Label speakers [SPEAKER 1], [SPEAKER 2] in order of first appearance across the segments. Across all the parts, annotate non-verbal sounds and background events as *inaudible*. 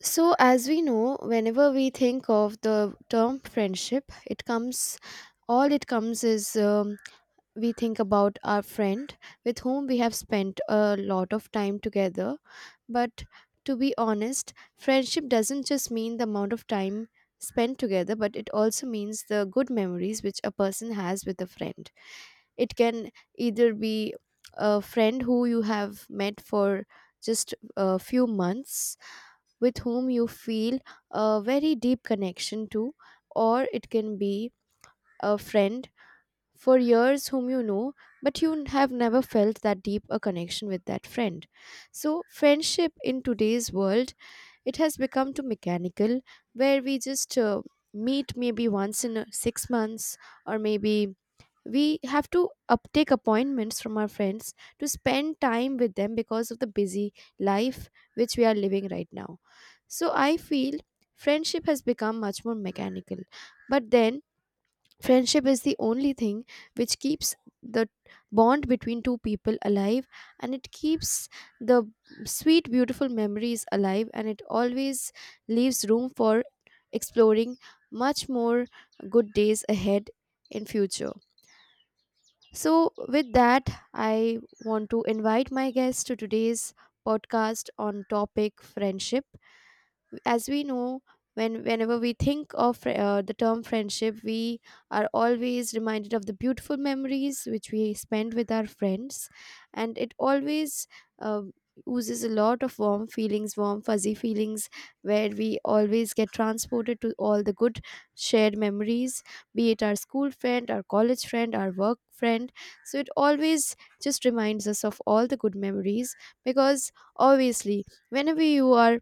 [SPEAKER 1] So, as we know, whenever we think of the term friendship, it comes all it comes is we think about our friend with whom we have spent a lot of time together. But to be honest, friendship doesn't just mean the amount of time spent together, but it also means the good memories which a person has with a friend. It can either be a friend who you have met for just a few months with whom you feel a very deep connection to, or it can be a friend for years whom you know, but you have never felt that deep a connection with that friend. So, friendship in today's world, it has become too mechanical, where we just meet maybe once in 6 months, or maybe we have to up take appointments from our friends to spend time with them because of the busy life which we are living right now. So I feel friendship has become much more mechanical, but then friendship is the only thing which keeps the bond between two people alive, and it keeps the sweet beautiful memories alive, and it always leaves room for exploring much more good days ahead in future. So, with that, I want to invite my guest to today's podcast on topic friendship. As we know, whenever we think of the term friendship, we are always reminded of the beautiful memories which we spend with our friends, and it always uh, oozes a lot of warm feelings, warm fuzzy feelings, where we always get transported to all the good shared memories, be it our school friend, our college friend, our work friend. So it always just reminds us of all the good memories, because obviously whenever you are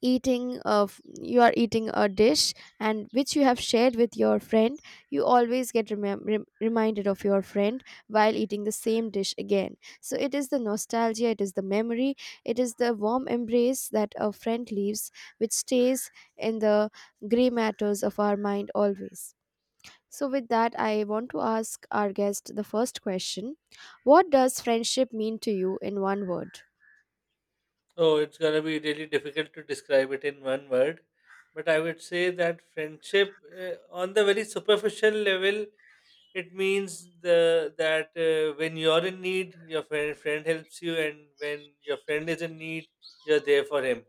[SPEAKER 1] eating of you are eating a dish and which you have shared with your friend, you always get reminded of your friend while eating the same dish again. So it is the nostalgia, it is the memory, it is the warm embrace that a friend leaves, which stays in the gray matters of our mind always. So with that, I want to ask our guest the first question: what does friendship mean to you in one word?
[SPEAKER 2] Oh, it's gonna be really difficult to describe it in one word, but I would say that friendship, uh, on the very superficial level, it means the that when you're in need, your friend helps you, and when your friend is in need, you're there for him.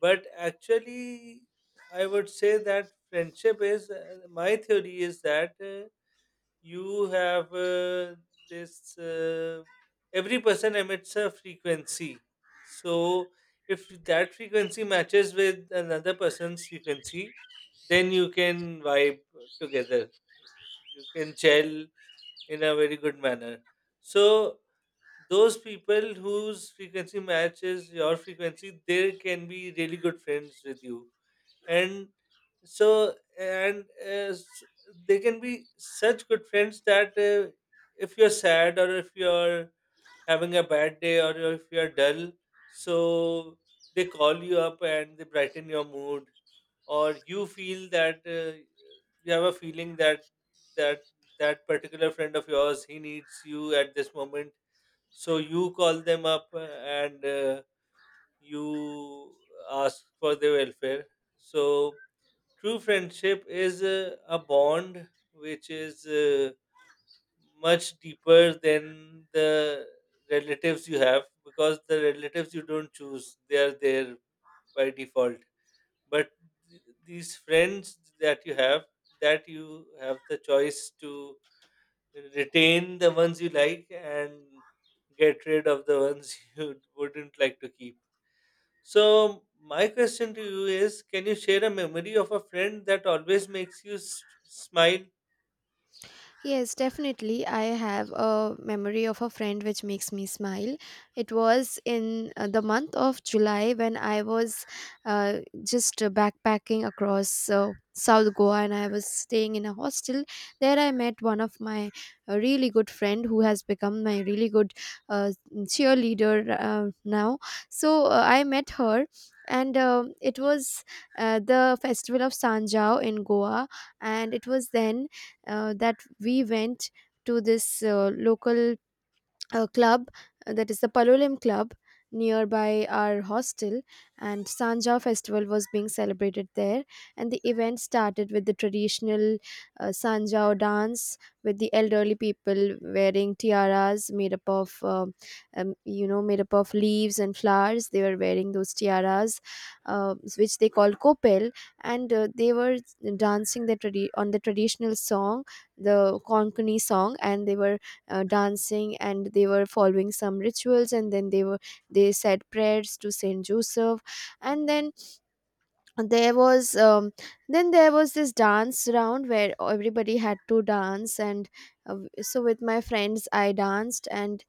[SPEAKER 2] But actually, I would say that friendship is my theory is that. You have this every person emits a frequency. So if that frequency matches with another person's frequency, then you can vibe together, you can gel in a very good manner. So those people whose frequency matches your frequency, they can be really good friends with you. And so and s- They can be such good friends that if you're sad or if you're having a bad day or if you're dull, so they call you up and they brighten your mood. Or you feel that you have a feeling that that that particular friend of yours, he needs you at this moment, so you call them up and you ask for their welfare. So true friendship is a bond which is much deeper than the relatives you have, because the relatives you don't choose, they are there by default. But these friends that you have the choice to retain the ones you like and get rid of the ones *laughs* you wouldn't like to keep. So my question to you is, can you share a memory of a friend that always makes you smile?
[SPEAKER 1] Yes, definitely. I have a memory of a friend which makes me smile. It was in the month of July when I was just backpacking across South Goa, and I was staying in a hostel. There I met one of my really good friend who has become my really good cheerleader now. So I met her, and it was the festival of Sanjao in Goa, and it was then that we went to this local a club, that is the Palolem Club nearby our hostel, and Sanja festival was being celebrated there. And the event started with the traditional Sanjao dance, with the elderly people wearing tiaras made up of you know, made up of leaves and flowers. They were wearing those tiaras which they call kopel. And they were dancing the on the traditional song, the Konkani song, and they were dancing and they were following some rituals, and then they were, they said prayers to Saint Joseph. And there was um, then there was this dance round where everybody had to dance, and so with my friends I danced, and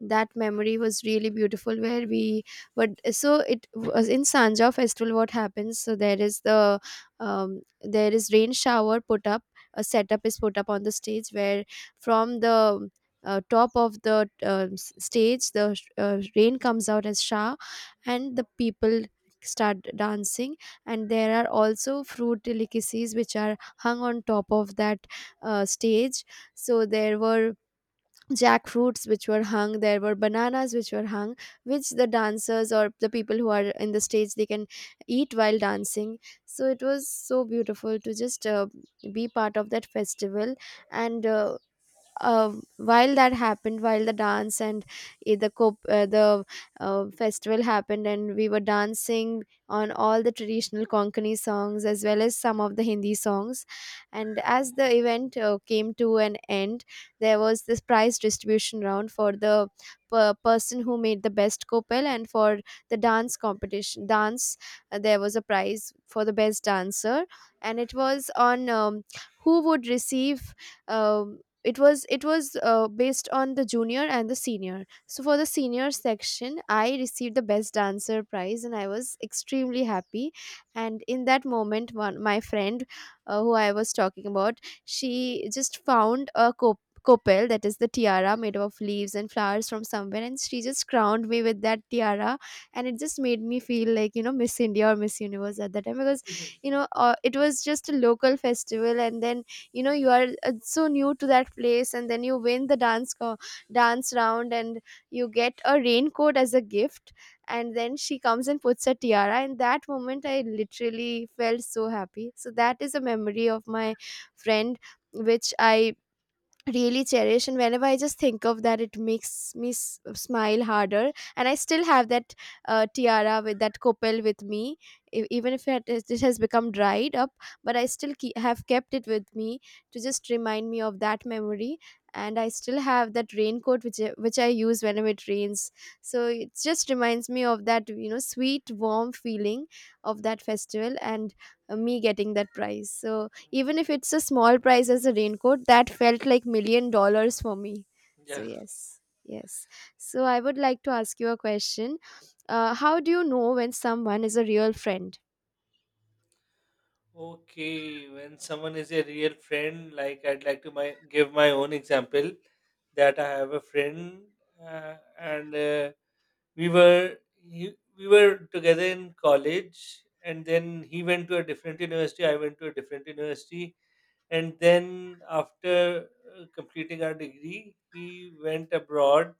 [SPEAKER 1] that memory was really beautiful where we, but so it was in Sanja festival, what happens, so there is the there is rain shower put up, a setup is put up on the stage, where from the top of the s- stage the rain comes out as shower, and the people start dancing. And there are also fruit delicacies which are hung on top of that stage. So there were jackfruits which were hung, there were bananas which were hung, which the dancers or the people who are in the stage they can eat while dancing. So it was so beautiful to just be part of that festival. And while that happened, while the dance and the festival happened and we were dancing on all the traditional Konkani songs as well as some of the Hindi songs. And as the event came to an end, there was this prize distribution round for the person who made the best kopel, and for the dance competition, dance, there was a prize for the best dancer. And it was on who would receive um it was based on the junior and the senior. So for the senior section I received the best dancer prize, and I was extremely happy. And in that moment one, my friend who I was talking about, she just found a Kopel, that is the tiara made of leaves and flowers, from somewhere, and she just crowned me with that tiara, and it just made me feel like, you know, Miss India or Miss Universe at that time, because, you know, it was just a local festival, and then, you know, you are so new to that place, and then you win the dance round and you get a raincoat as a gift, and then she comes and puts a tiara, and that moment I literally felt so happy. So that is a memory of my friend which I really cherish, and whenever I just think of that, it makes me smile harder. And I still have that tiara with that kopel with me, even if it has become dried up, but I still have kept it with me to just remind me of that memory. And I still have that raincoat which which I use whenever it rains. So it just reminds me of that, you know, sweet warm feeling of that festival, and me getting that prize. So even if it's a small price as a raincoat, that felt like a million dollars for me. So
[SPEAKER 2] Yeah.
[SPEAKER 1] yes, yes. So I would like to ask you a question. How do you know when someone is a real friend?
[SPEAKER 2] Okay. When someone is a real friend, like I'd like to give my own example that I have a friend, and we were we were together in college, and then he went to a different university. I went to a different university, and then after completing our degree, he went abroad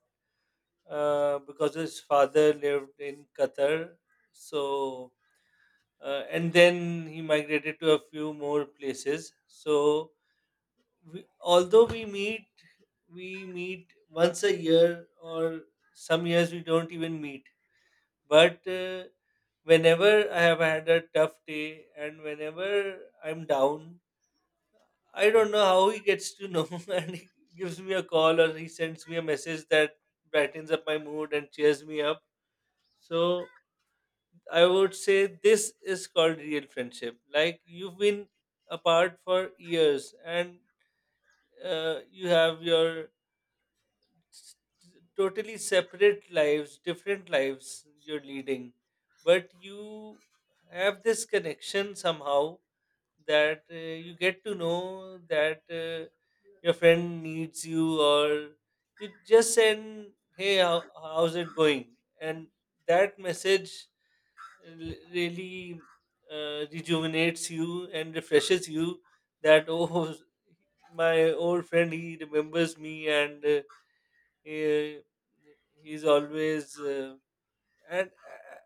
[SPEAKER 2] because his father lived in Qatar. So, and then he migrated to a few more places. So, although we meet once a year, or some years we don't even meet. But whenever I have had a tough day and whenever I'm down, I don't know how he gets to know *laughs* and he gives me a call or he sends me a message that brightens up my mood and cheers me up. So I would say this is called real friendship. Like you've been apart for years and you have your s- totally separate lives, different lives you're leading, but you have this connection somehow that you get to know that your friend needs you, or you just send, "Hey, how's it going?" And that message really rejuvenates you and refreshes you. That *laughs* Oh, my old friend, he remembers me. He, he's always and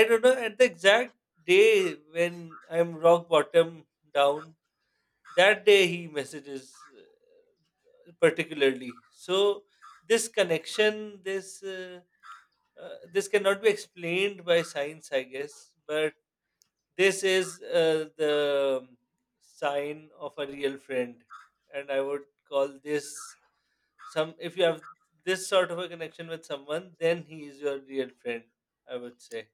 [SPEAKER 2] I don't know, at the exact day when I'm rock bottom down, that day he messages particularly. So this connection, this cannot be explained by science, I guess, but this is the sign of a real friend. And I would call this, some if you have this sort of a connection with someone, then he is your real friend, I would say.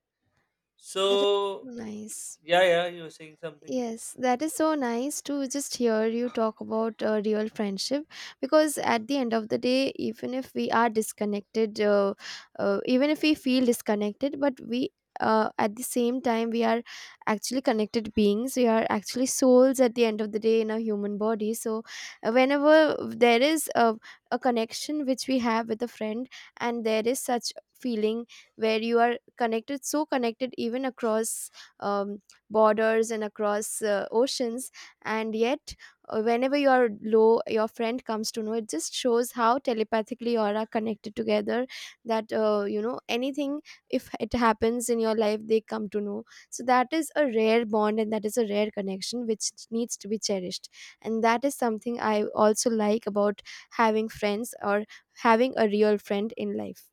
[SPEAKER 2] So
[SPEAKER 1] That is so nice.
[SPEAKER 2] yeah, yeah, you were saying something.
[SPEAKER 1] Yes, that is so nice to just hear you talk about real friendship, because at the end of the day, even if we are disconnected, even if we feel disconnected, but we at the same time we are actually connected beings, we are actually souls at the end of the day in a human body. So whenever there is a connection which we have with a friend, and there is such feeling where you are connected, so connected, even across um, borders and across oceans, and yet whenever you are low your friend comes to know, it just shows how telepathically you all are connected together. That you know, anything if it happens in your life they come to know. So that is a rare bond, and that is a rare connection which needs to be cherished. And that is something I also like about having friends, or having a real friend in life.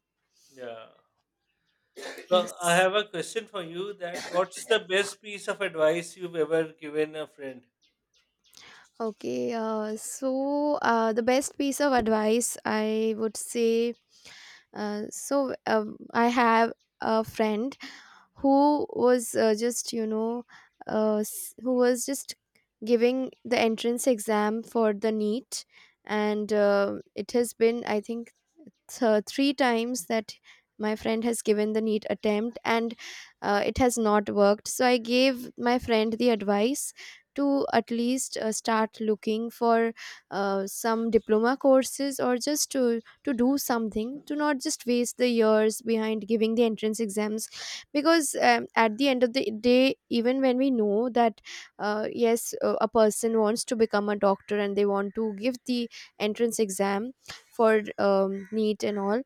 [SPEAKER 2] Yeah. So I
[SPEAKER 1] Yes,
[SPEAKER 2] have a question for you. That, what's the best piece of advice you've ever given a friend?
[SPEAKER 1] okay, so the best piece of advice I would say, I have a friend who was just, you know, who was just giving the entrance exam for the NEET, and it has been, I think, three times that my friend has given the neat attempt, and it has not worked. So I gave my friend the advice to at least start looking for some diploma courses, or just to do something, to not just waste the years behind giving the entrance exams. Because at the end of the day, even when we know that yes, a person wants to become a doctor and they want to give the entrance exam for neat and all,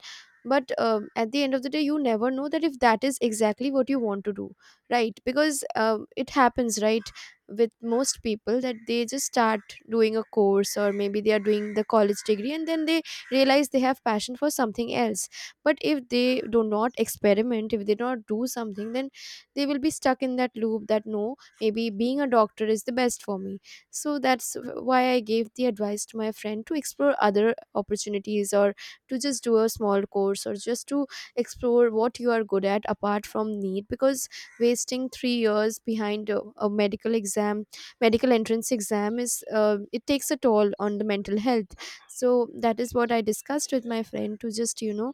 [SPEAKER 1] but at the end of the day you never know that if that is exactly what you want to do, right? Because it happens, right, with most people, that they just start doing a course, or maybe they are doing the college degree, and then they realize they have passion for something else. But if they do not experiment, if they do not do something, then they will be stuck in that loop that no, maybe being a doctor is the best for me. So that's why I gave the advice to my friend to explore other opportunities, or to just do a small course, or just to explore what you are good at apart from need because wasting 3 years behind a medical exam, medical entrance exam is, it takes a toll on the mental health. So that is what I discussed With my friend to just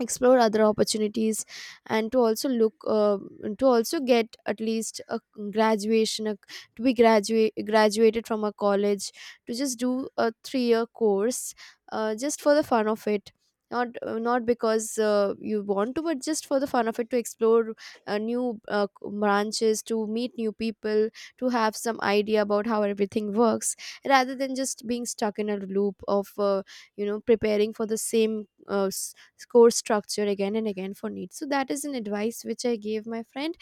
[SPEAKER 1] explore other opportunities, and to also look, to also get at least a graduation, a, to be graduated from a college, to just do a 3 year course, just for the fun of it. Not not because, you want to, but just for the fun of it, to explore new, branches, to meet new people, to have some idea about how everything works, rather than just being stuck in a loop of, preparing for the same score structure again and again for needs. So that is an advice which I gave my friend,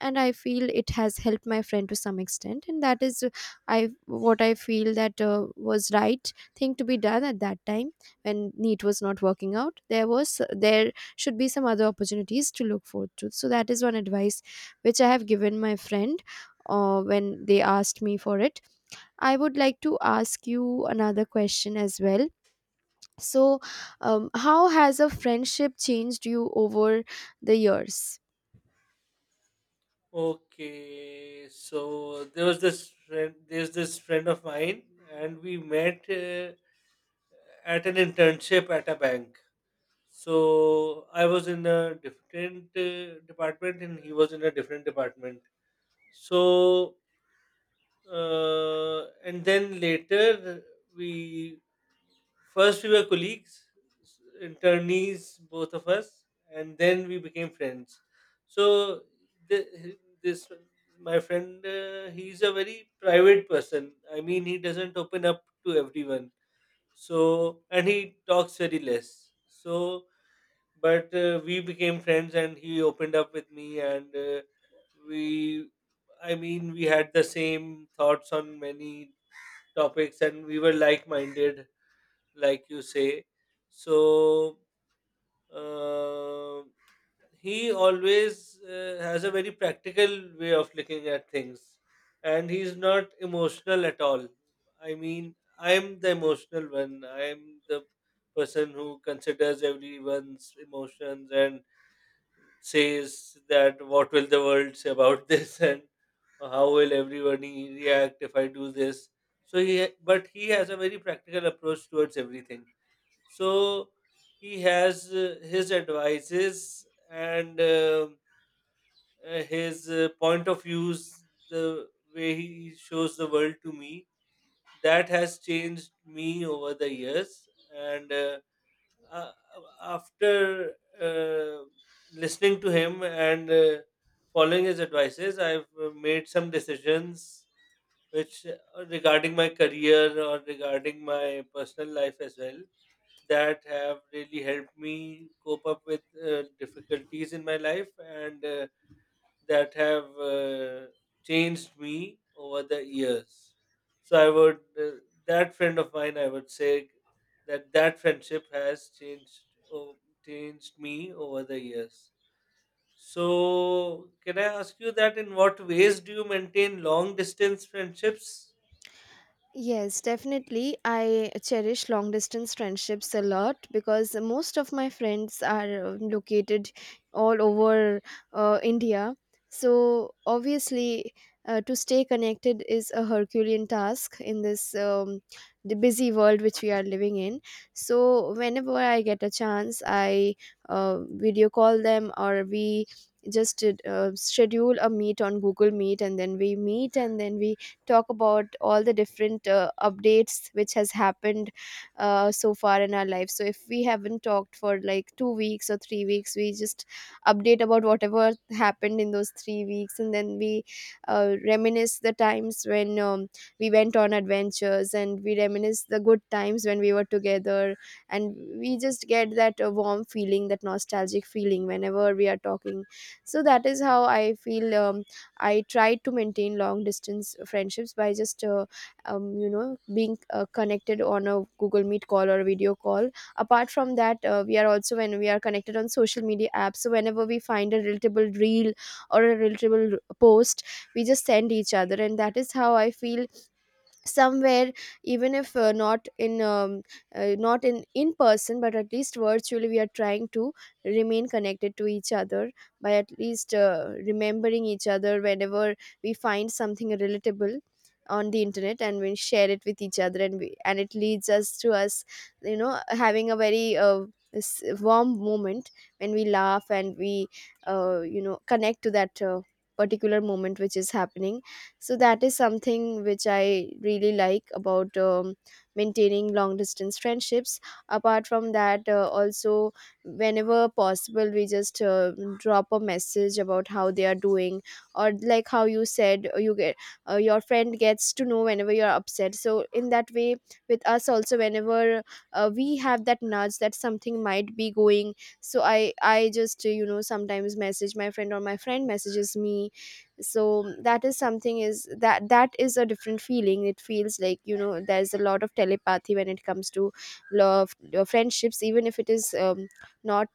[SPEAKER 1] and I feel it has helped my friend to some extent, and that is, I what I feel that was right thing to be done at that time when NEET was not working out. There should be some other opportunities to look forward to. So that is one advice which I have given my friend when they asked me for it. I would like to ask you another question as well. So, how has a friendship changed you over the years?
[SPEAKER 2] Okay, so there's this friend of mine, and we met at an internship at a bank. So I was in a different department and he was in a different department. So and then later we, first we were colleagues, internees, both of us, and then we became friends. So the, this my friend, he's a very private person. I mean, he doesn't open up to everyone, so, and he talks very less. So, but we became friends and he opened up with me, and we, I mean, we had the same thoughts on many topics and we were like minded, like you say. So, uh, he always has a very practical way of looking at things, and he's not emotional at all. I mean, I'm the emotional one, I'm the person who considers everyone's emotions and says that what will the world say about *laughs* this, and how will everyone react if I do this. So but he has a very practical approach towards everything. So he has his advices, and his point of views, the way he shows the world to me, that has changed me over the years. And uh, after uh, listening to him and following his advices, I've made some decisions which, regarding my career or regarding my personal life as well, that have really helped me cope up with difficulties in my life, and that have changed me over the years. So I would that friend of mine, I would say that that friendship has oh, changed me over the years. So can I ask you that, in what ways do you maintain long distance friendships?
[SPEAKER 1] Yes, definitely. I cherish long distance friendships a lot, because most of my friends are located all over, India. So, obviously, to stay connected is a Herculean task in this, the busy world which we are living in. So, whenever I get a chance, I video call them, or we just schedule a meet on Google Meet, and then we meet, and then we talk about all the different updates which has happened so far in our life. So if we haven't talked for like 2 weeks or 3 weeks, we just update about whatever happened in those 3 weeks, and then we reminisce the times when, we went on adventures, and we reminisce the good times when we were together, and we just get that warm feeling, that nostalgic feeling, whenever we are talking. So that is how I feel, I try to maintain long distance friendships by just, being connected on a Google Meet call or a video call. Apart from that, we are also, when we are connected on social media apps. So whenever we find a relatable reel or a relatable post, we just send each other, and that is how I feel somewhere, even if not in, not in person, but at least virtually, we are trying to remain connected to each other by at least remembering each other whenever we find something relatable on the internet, and we share it with each other, and it leads us to us, having a very warm moment, when we laugh, and we connect to that particular moment which is happening. So that is something which I really like about, maintaining long distance friendships. Apart from that, also, whenever possible, we just drop a message about how they are doing. Or, like how you said, you get, your friend gets to know whenever you're upset. So in that way, with us also, whenever we have that nudge that something might be going, so I just sometimes message my friend, or my friend messages me. So that is something, is that that is a different feeling. It feels like, there's a lot of telepathy when it comes to love, friendships, even if it is, not,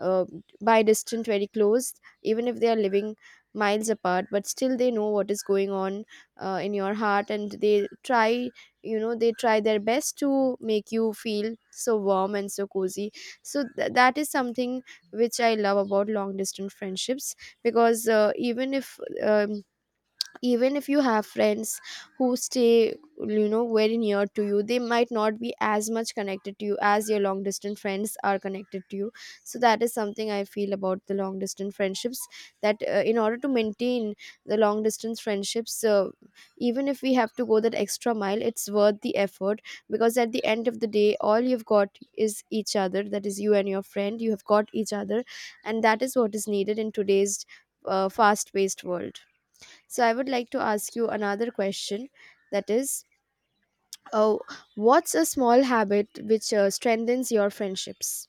[SPEAKER 1] uh, by distant, very close, even if they are living miles apart, but still they know what is going on in your heart, and they try, they try their best to make you feel so warm and so cozy. So that is something which I love about long distance friendships, because even if, um, even if you have friends who stay, very near to you, they might not be as much connected to you as your long distance friends are connected to you. So that is something I feel about the long distance friendships, that in order to maintain the long distance friendships, even if we have to go that extra mile, it's worth the effort, because at the end of the day, all you've got is each other. That is you and your friend, you have got each other, and that is what is needed in today's fast paced world. So I would like to ask you another question, that is, oh, what's a small habit which strengthens your friendships?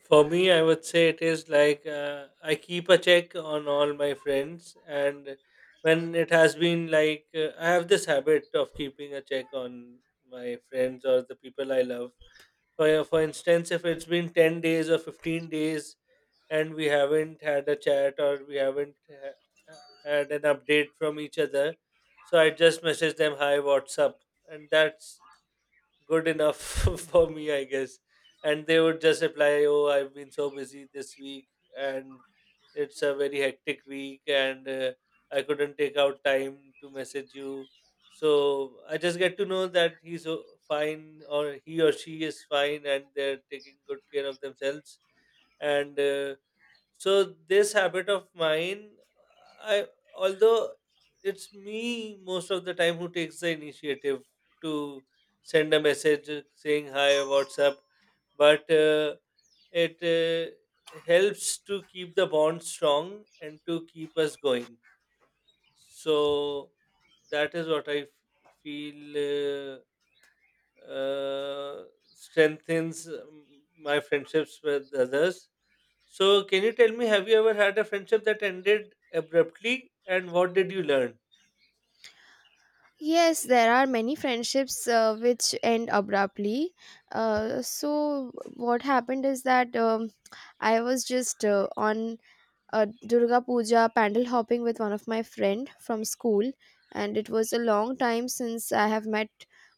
[SPEAKER 2] For me, I would say it is like, I keep a check on all my friends, and when it has been like I have this habit of keeping a check on my friends or the people I love. For instance, if it's been 10 days or 15 days and we haven't had a chat or we haven't ha- uh, had an update from each other, so I just message them, "Hi, what's up?" And that's good enough *laughs* for me, I guess. And they would just reply, "Oh, I've been so busy this week, and it's a very hectic week, and I couldn't take out time to message you." So I just get to know that he's fine, or he or she is fine, and they're taking good care of themselves. And so this habit of mine, I although it's me most of the time who takes the initiative to send a message saying hi or WhatsApp, but it helps to keep the bond strong and to keep us going. So that is what I feel uh, strengthens my friendships with others. So, can you tell me, have you ever had a friendship that ended abruptly, and what did you learn?
[SPEAKER 1] Yes, there are many friendships which end abruptly. So what happened is that, I was just on a Durga Puja pandal hopping with one of my friend from school, and it was a long time since i have met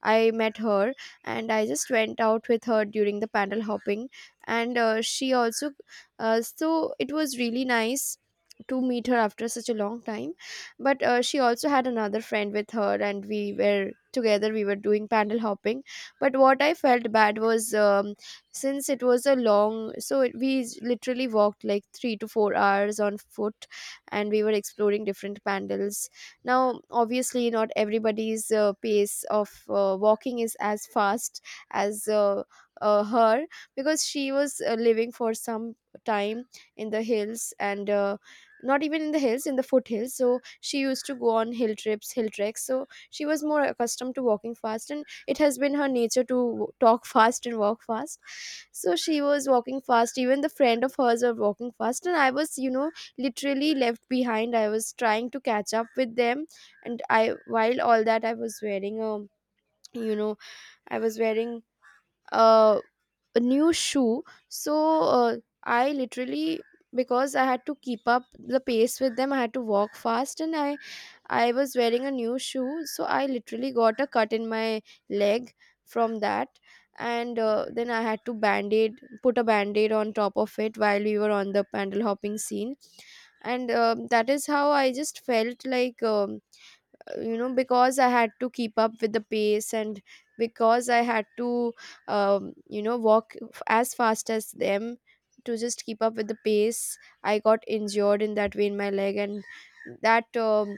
[SPEAKER 1] i met her, and I just went out with her during the pandal hopping. And she also so it was really nice to meet her after such a long time. But she also had another friend with her, and we were together, we were doing pandal hopping. But what I felt bad was, since it was a long, so it, we literally walked like 3 to 4 hours on foot, and we were exploring different pandals. Now obviously not everybody's pace of walking is as fast as, her, because she was living for some time in the hills, and not even in the hills, in the foothills. So she used to go on hill treks, so she was more accustomed to walking fast, and it has been her nature to talk fast and walk fast. So she was walking fast, even the friend of hers were walking fast, and I was, literally left behind, I was trying to catch up with them. And I while all that, I was wearing a, you know I was wearing uh, a new shoe. So I literally, because I had to keep up the pace with them, I had to walk fast, and I was wearing a new shoe, so I literally got a cut in my leg from that. And then I had to band-aid put a band-aid on top of it while we were on the pandal hopping scene. And um, that is how I just felt like, because I had to keep up with the pace, and because I had to, walk as fast as them to just keep up with the pace. I got injured in that way in my leg, and that,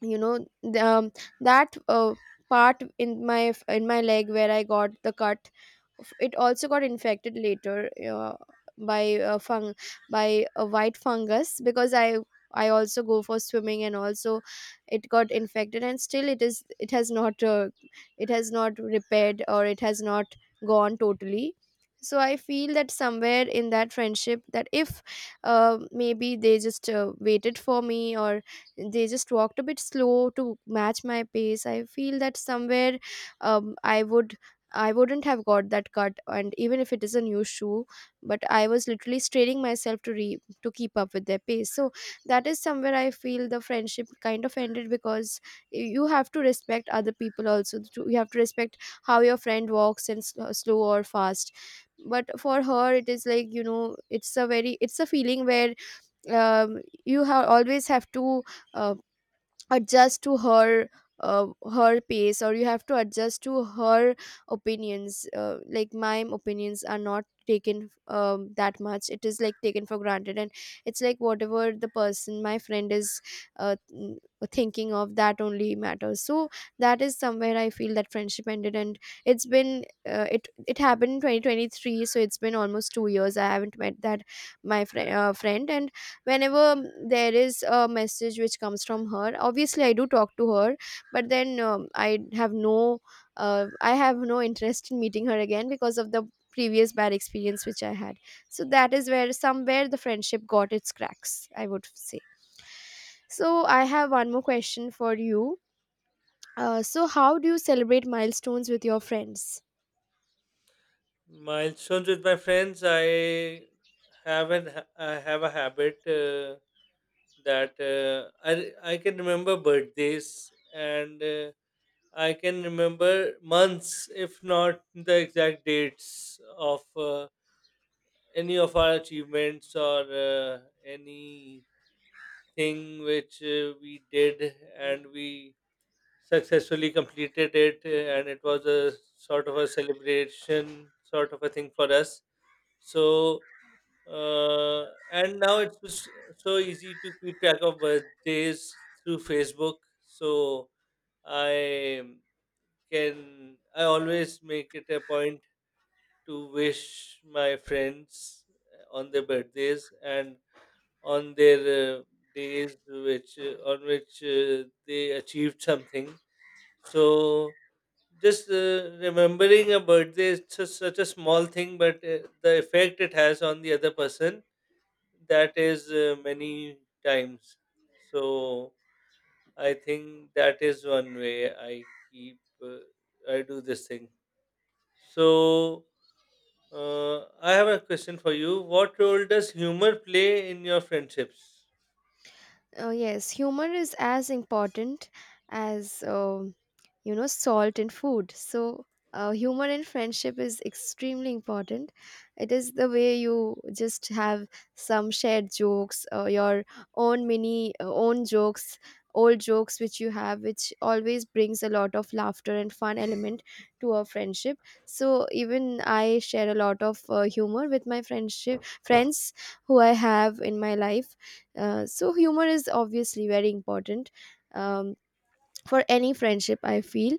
[SPEAKER 1] you know the, um, that uh, part in my leg where I got the cut, it also got infected later, by uh, fung by a white fungus, because I also go for swimming, and also it got infected, and still it is, it has not repaired, or it has not gone totally. So I feel that somewhere in that friendship, that if maybe they just waited for me, or they just walked a bit slow to match my pace, I feel that somewhere, um, i would I wouldn't have got that cut. And even if it is a new shoe, but I was literally straining myself to to keep up with their pace. So that is somewhere I feel the friendship kind of ended, because you have to respect other people also. You have to respect how your friend walks, and slow or fast. But for her, it is like it's a very it's a feeling where you have always have to uh, adjust to her her pace, or you have to adjust to her opinions. Like, my opinions are not taken that much. It is like taken for granted, and it's like whatever the person my friend is uh, mm, thinking of, that only matters. So that is somewhere I feel that friendship ended. And it's been it it happened in 2023, so it's been almost 2 years I haven't met that my friend uh, friend. And whenever there is a message which comes from her, obviously I do talk to her, but then I have I have no interest in meeting her again because of the previous bad experience which I had. So that is where somewhere the friendship got its cracks, I would say. So I have one more question for you. So how do you celebrate milestones with your friends?
[SPEAKER 2] Milestones with my friends, I I have a habit that I can remember birthdays, and I can remember months, if not the exact dates of any of our achievements, or any thing which we did and we successfully completed it, and it was a sort of a celebration sort of a thing for us. So uh, and now it's just so easy to keep track of birthdays through Facebook. So I can I always make it a point to wish my friends on their birthdays, and on their days which on which they achieved something. So just remembering a birthday is just such a small thing, but the effect it has on the other person, that is many times. So I think that is one way I keep I do this thing. So I have a question for you. What role does humor play in your friendships?
[SPEAKER 1] Yes, humor is as important as, you know, salt in food. So humor in friendship is extremely important. It is the way you just have some shared jokes, your own mini, own jokes, old jokes which you have, which always brings a lot of laughter and fun element to our friendship. So even I share a lot of humor with my friends who I have in my life. So humor is obviously very important, um, for any friendship, I feel.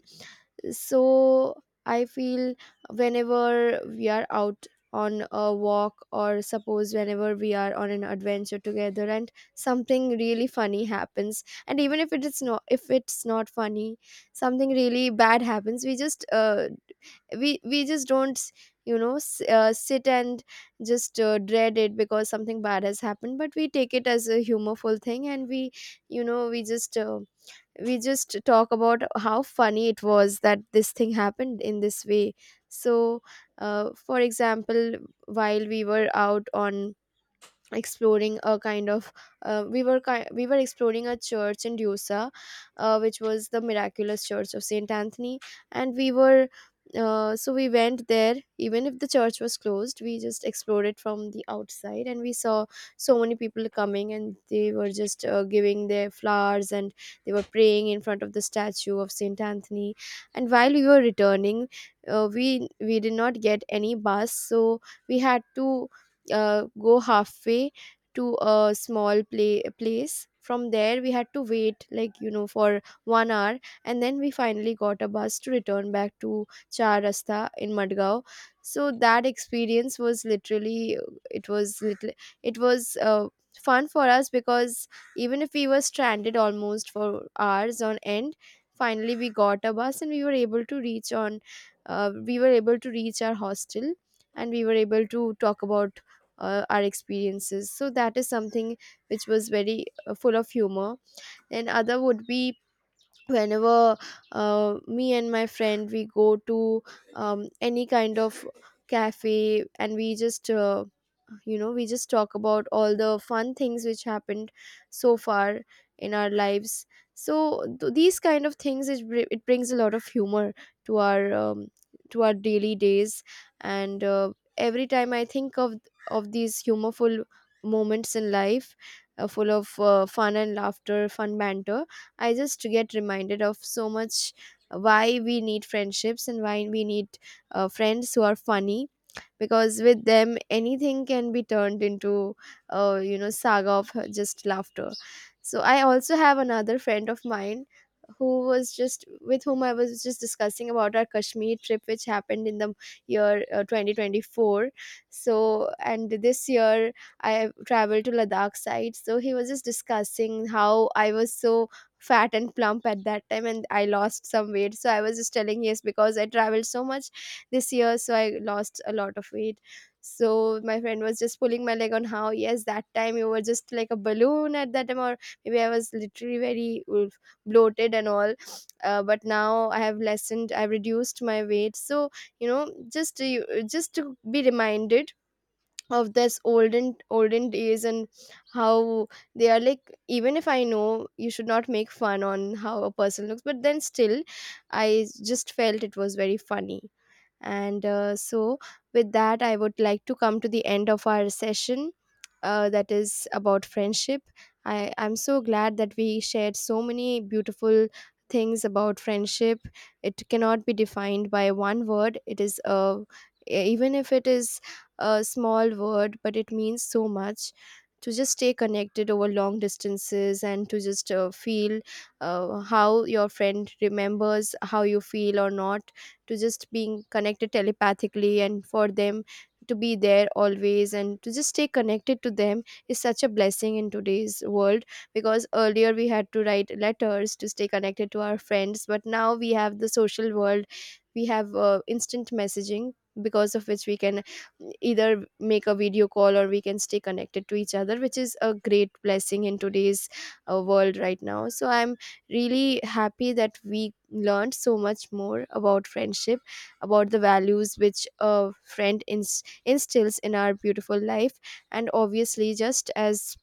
[SPEAKER 1] So I feel whenever we are out on a walk, or suppose whenever we are on an adventure together and something really funny happens, and even if it's not funny, something really bad happens, we just we just don't, you know, sit and just dread it because something bad has happened, but we take it as a humorful thing, and we, you know, we just talk about how funny it was that this thing happened in this way. So for example, while we were out on exploring a kind of, we were exploring a church in Dusa, which was the miraculous church of Saint Anthony. And we were, so we went there. Even if the church was closed, we just explored it from the outside, and we saw so many people coming, and they were just giving their flowers and they were praying in front of the statue of Saint Anthony. And while we were returning, we did not get any bus, so we had to go halfway to a small play place. From there we had to wait, like, for 1 hour, and then we finally got a bus to return back to Char Rasta in Madgaon. So that experience was literally, it was little, it was fun for us, because even if we were stranded almost for hours on end, finally we got a bus and we were able to reach on we were able to reach our hostel, and we were able to talk about our experiences. So that is something which was very full of humor. And other would be, whenever me and my friend, we go to any kind of cafe and we just you know, we just talk about all the fun things which happened so far in our lives. So these kind of things, it brings a lot of humor to our um, to our daily days. And every time I think of these humorful moments in life, full of fun and laughter, fun banter, I just get reminded of so much why we need friendships and why we need friends who are funny, because with them anything can be turned into you know, saga of just laughter. So I also have another friend of mine, who was just, with whom I was just discussing about our Kashmir trip, which happened in the year 2024. So and this year, I traveled to Ladakh side, so he was just discussing how I was so fat and plump at that time and I lost some weight. So I was just telling, yes, because I traveled so much this year, so I lost a lot of weight. So my friend was just pulling my leg on how, yes, that time you were just like a balloon at that time. Or maybe I was literally very bloated and all. But now I have lessened, I've reduced my weight. So, you know, just just to be reminded of this olden days and how they are. Like, even if I know you should not make fun on how a person looks, but then still I just felt it was very funny. And so, with that, I would like to come to the end of our session, that is about friendship. I'm so glad that we shared so many beautiful things about friendship. It cannot be defined by one word. It is a, even if it is a small word, but it means so much to just stay connected over long distances, and to just feel how your friend remembers how you feel or not, to just being connected telepathically, and for them to be there always, and to just stay connected to them is such a blessing in today's world. Because earlier we had to write letters to stay connected to our friends, but now we have the social world, we have instant messaging, because of which we can either make a video call or we can stay connected to each other, which is a great blessing in today's world right now. So I'm really happy that we learned so much more about friendship, about the values which a friend instills in our beautiful life. And obviously, just as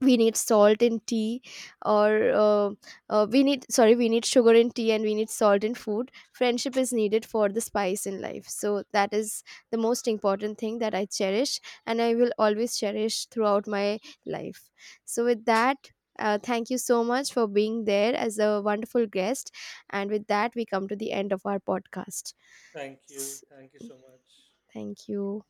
[SPEAKER 1] we need salt in tea, or we need, sorry, we need sugar in tea and we need salt in food, friendship is needed for the spice in life. So that is the most important thing that I cherish, and I will always cherish throughout my life. So with that, thank you so much for being there as a wonderful guest, and with that we come to the end of our podcast.
[SPEAKER 2] Thank you.
[SPEAKER 1] S-
[SPEAKER 2] Thank you so much.
[SPEAKER 1] Thank you.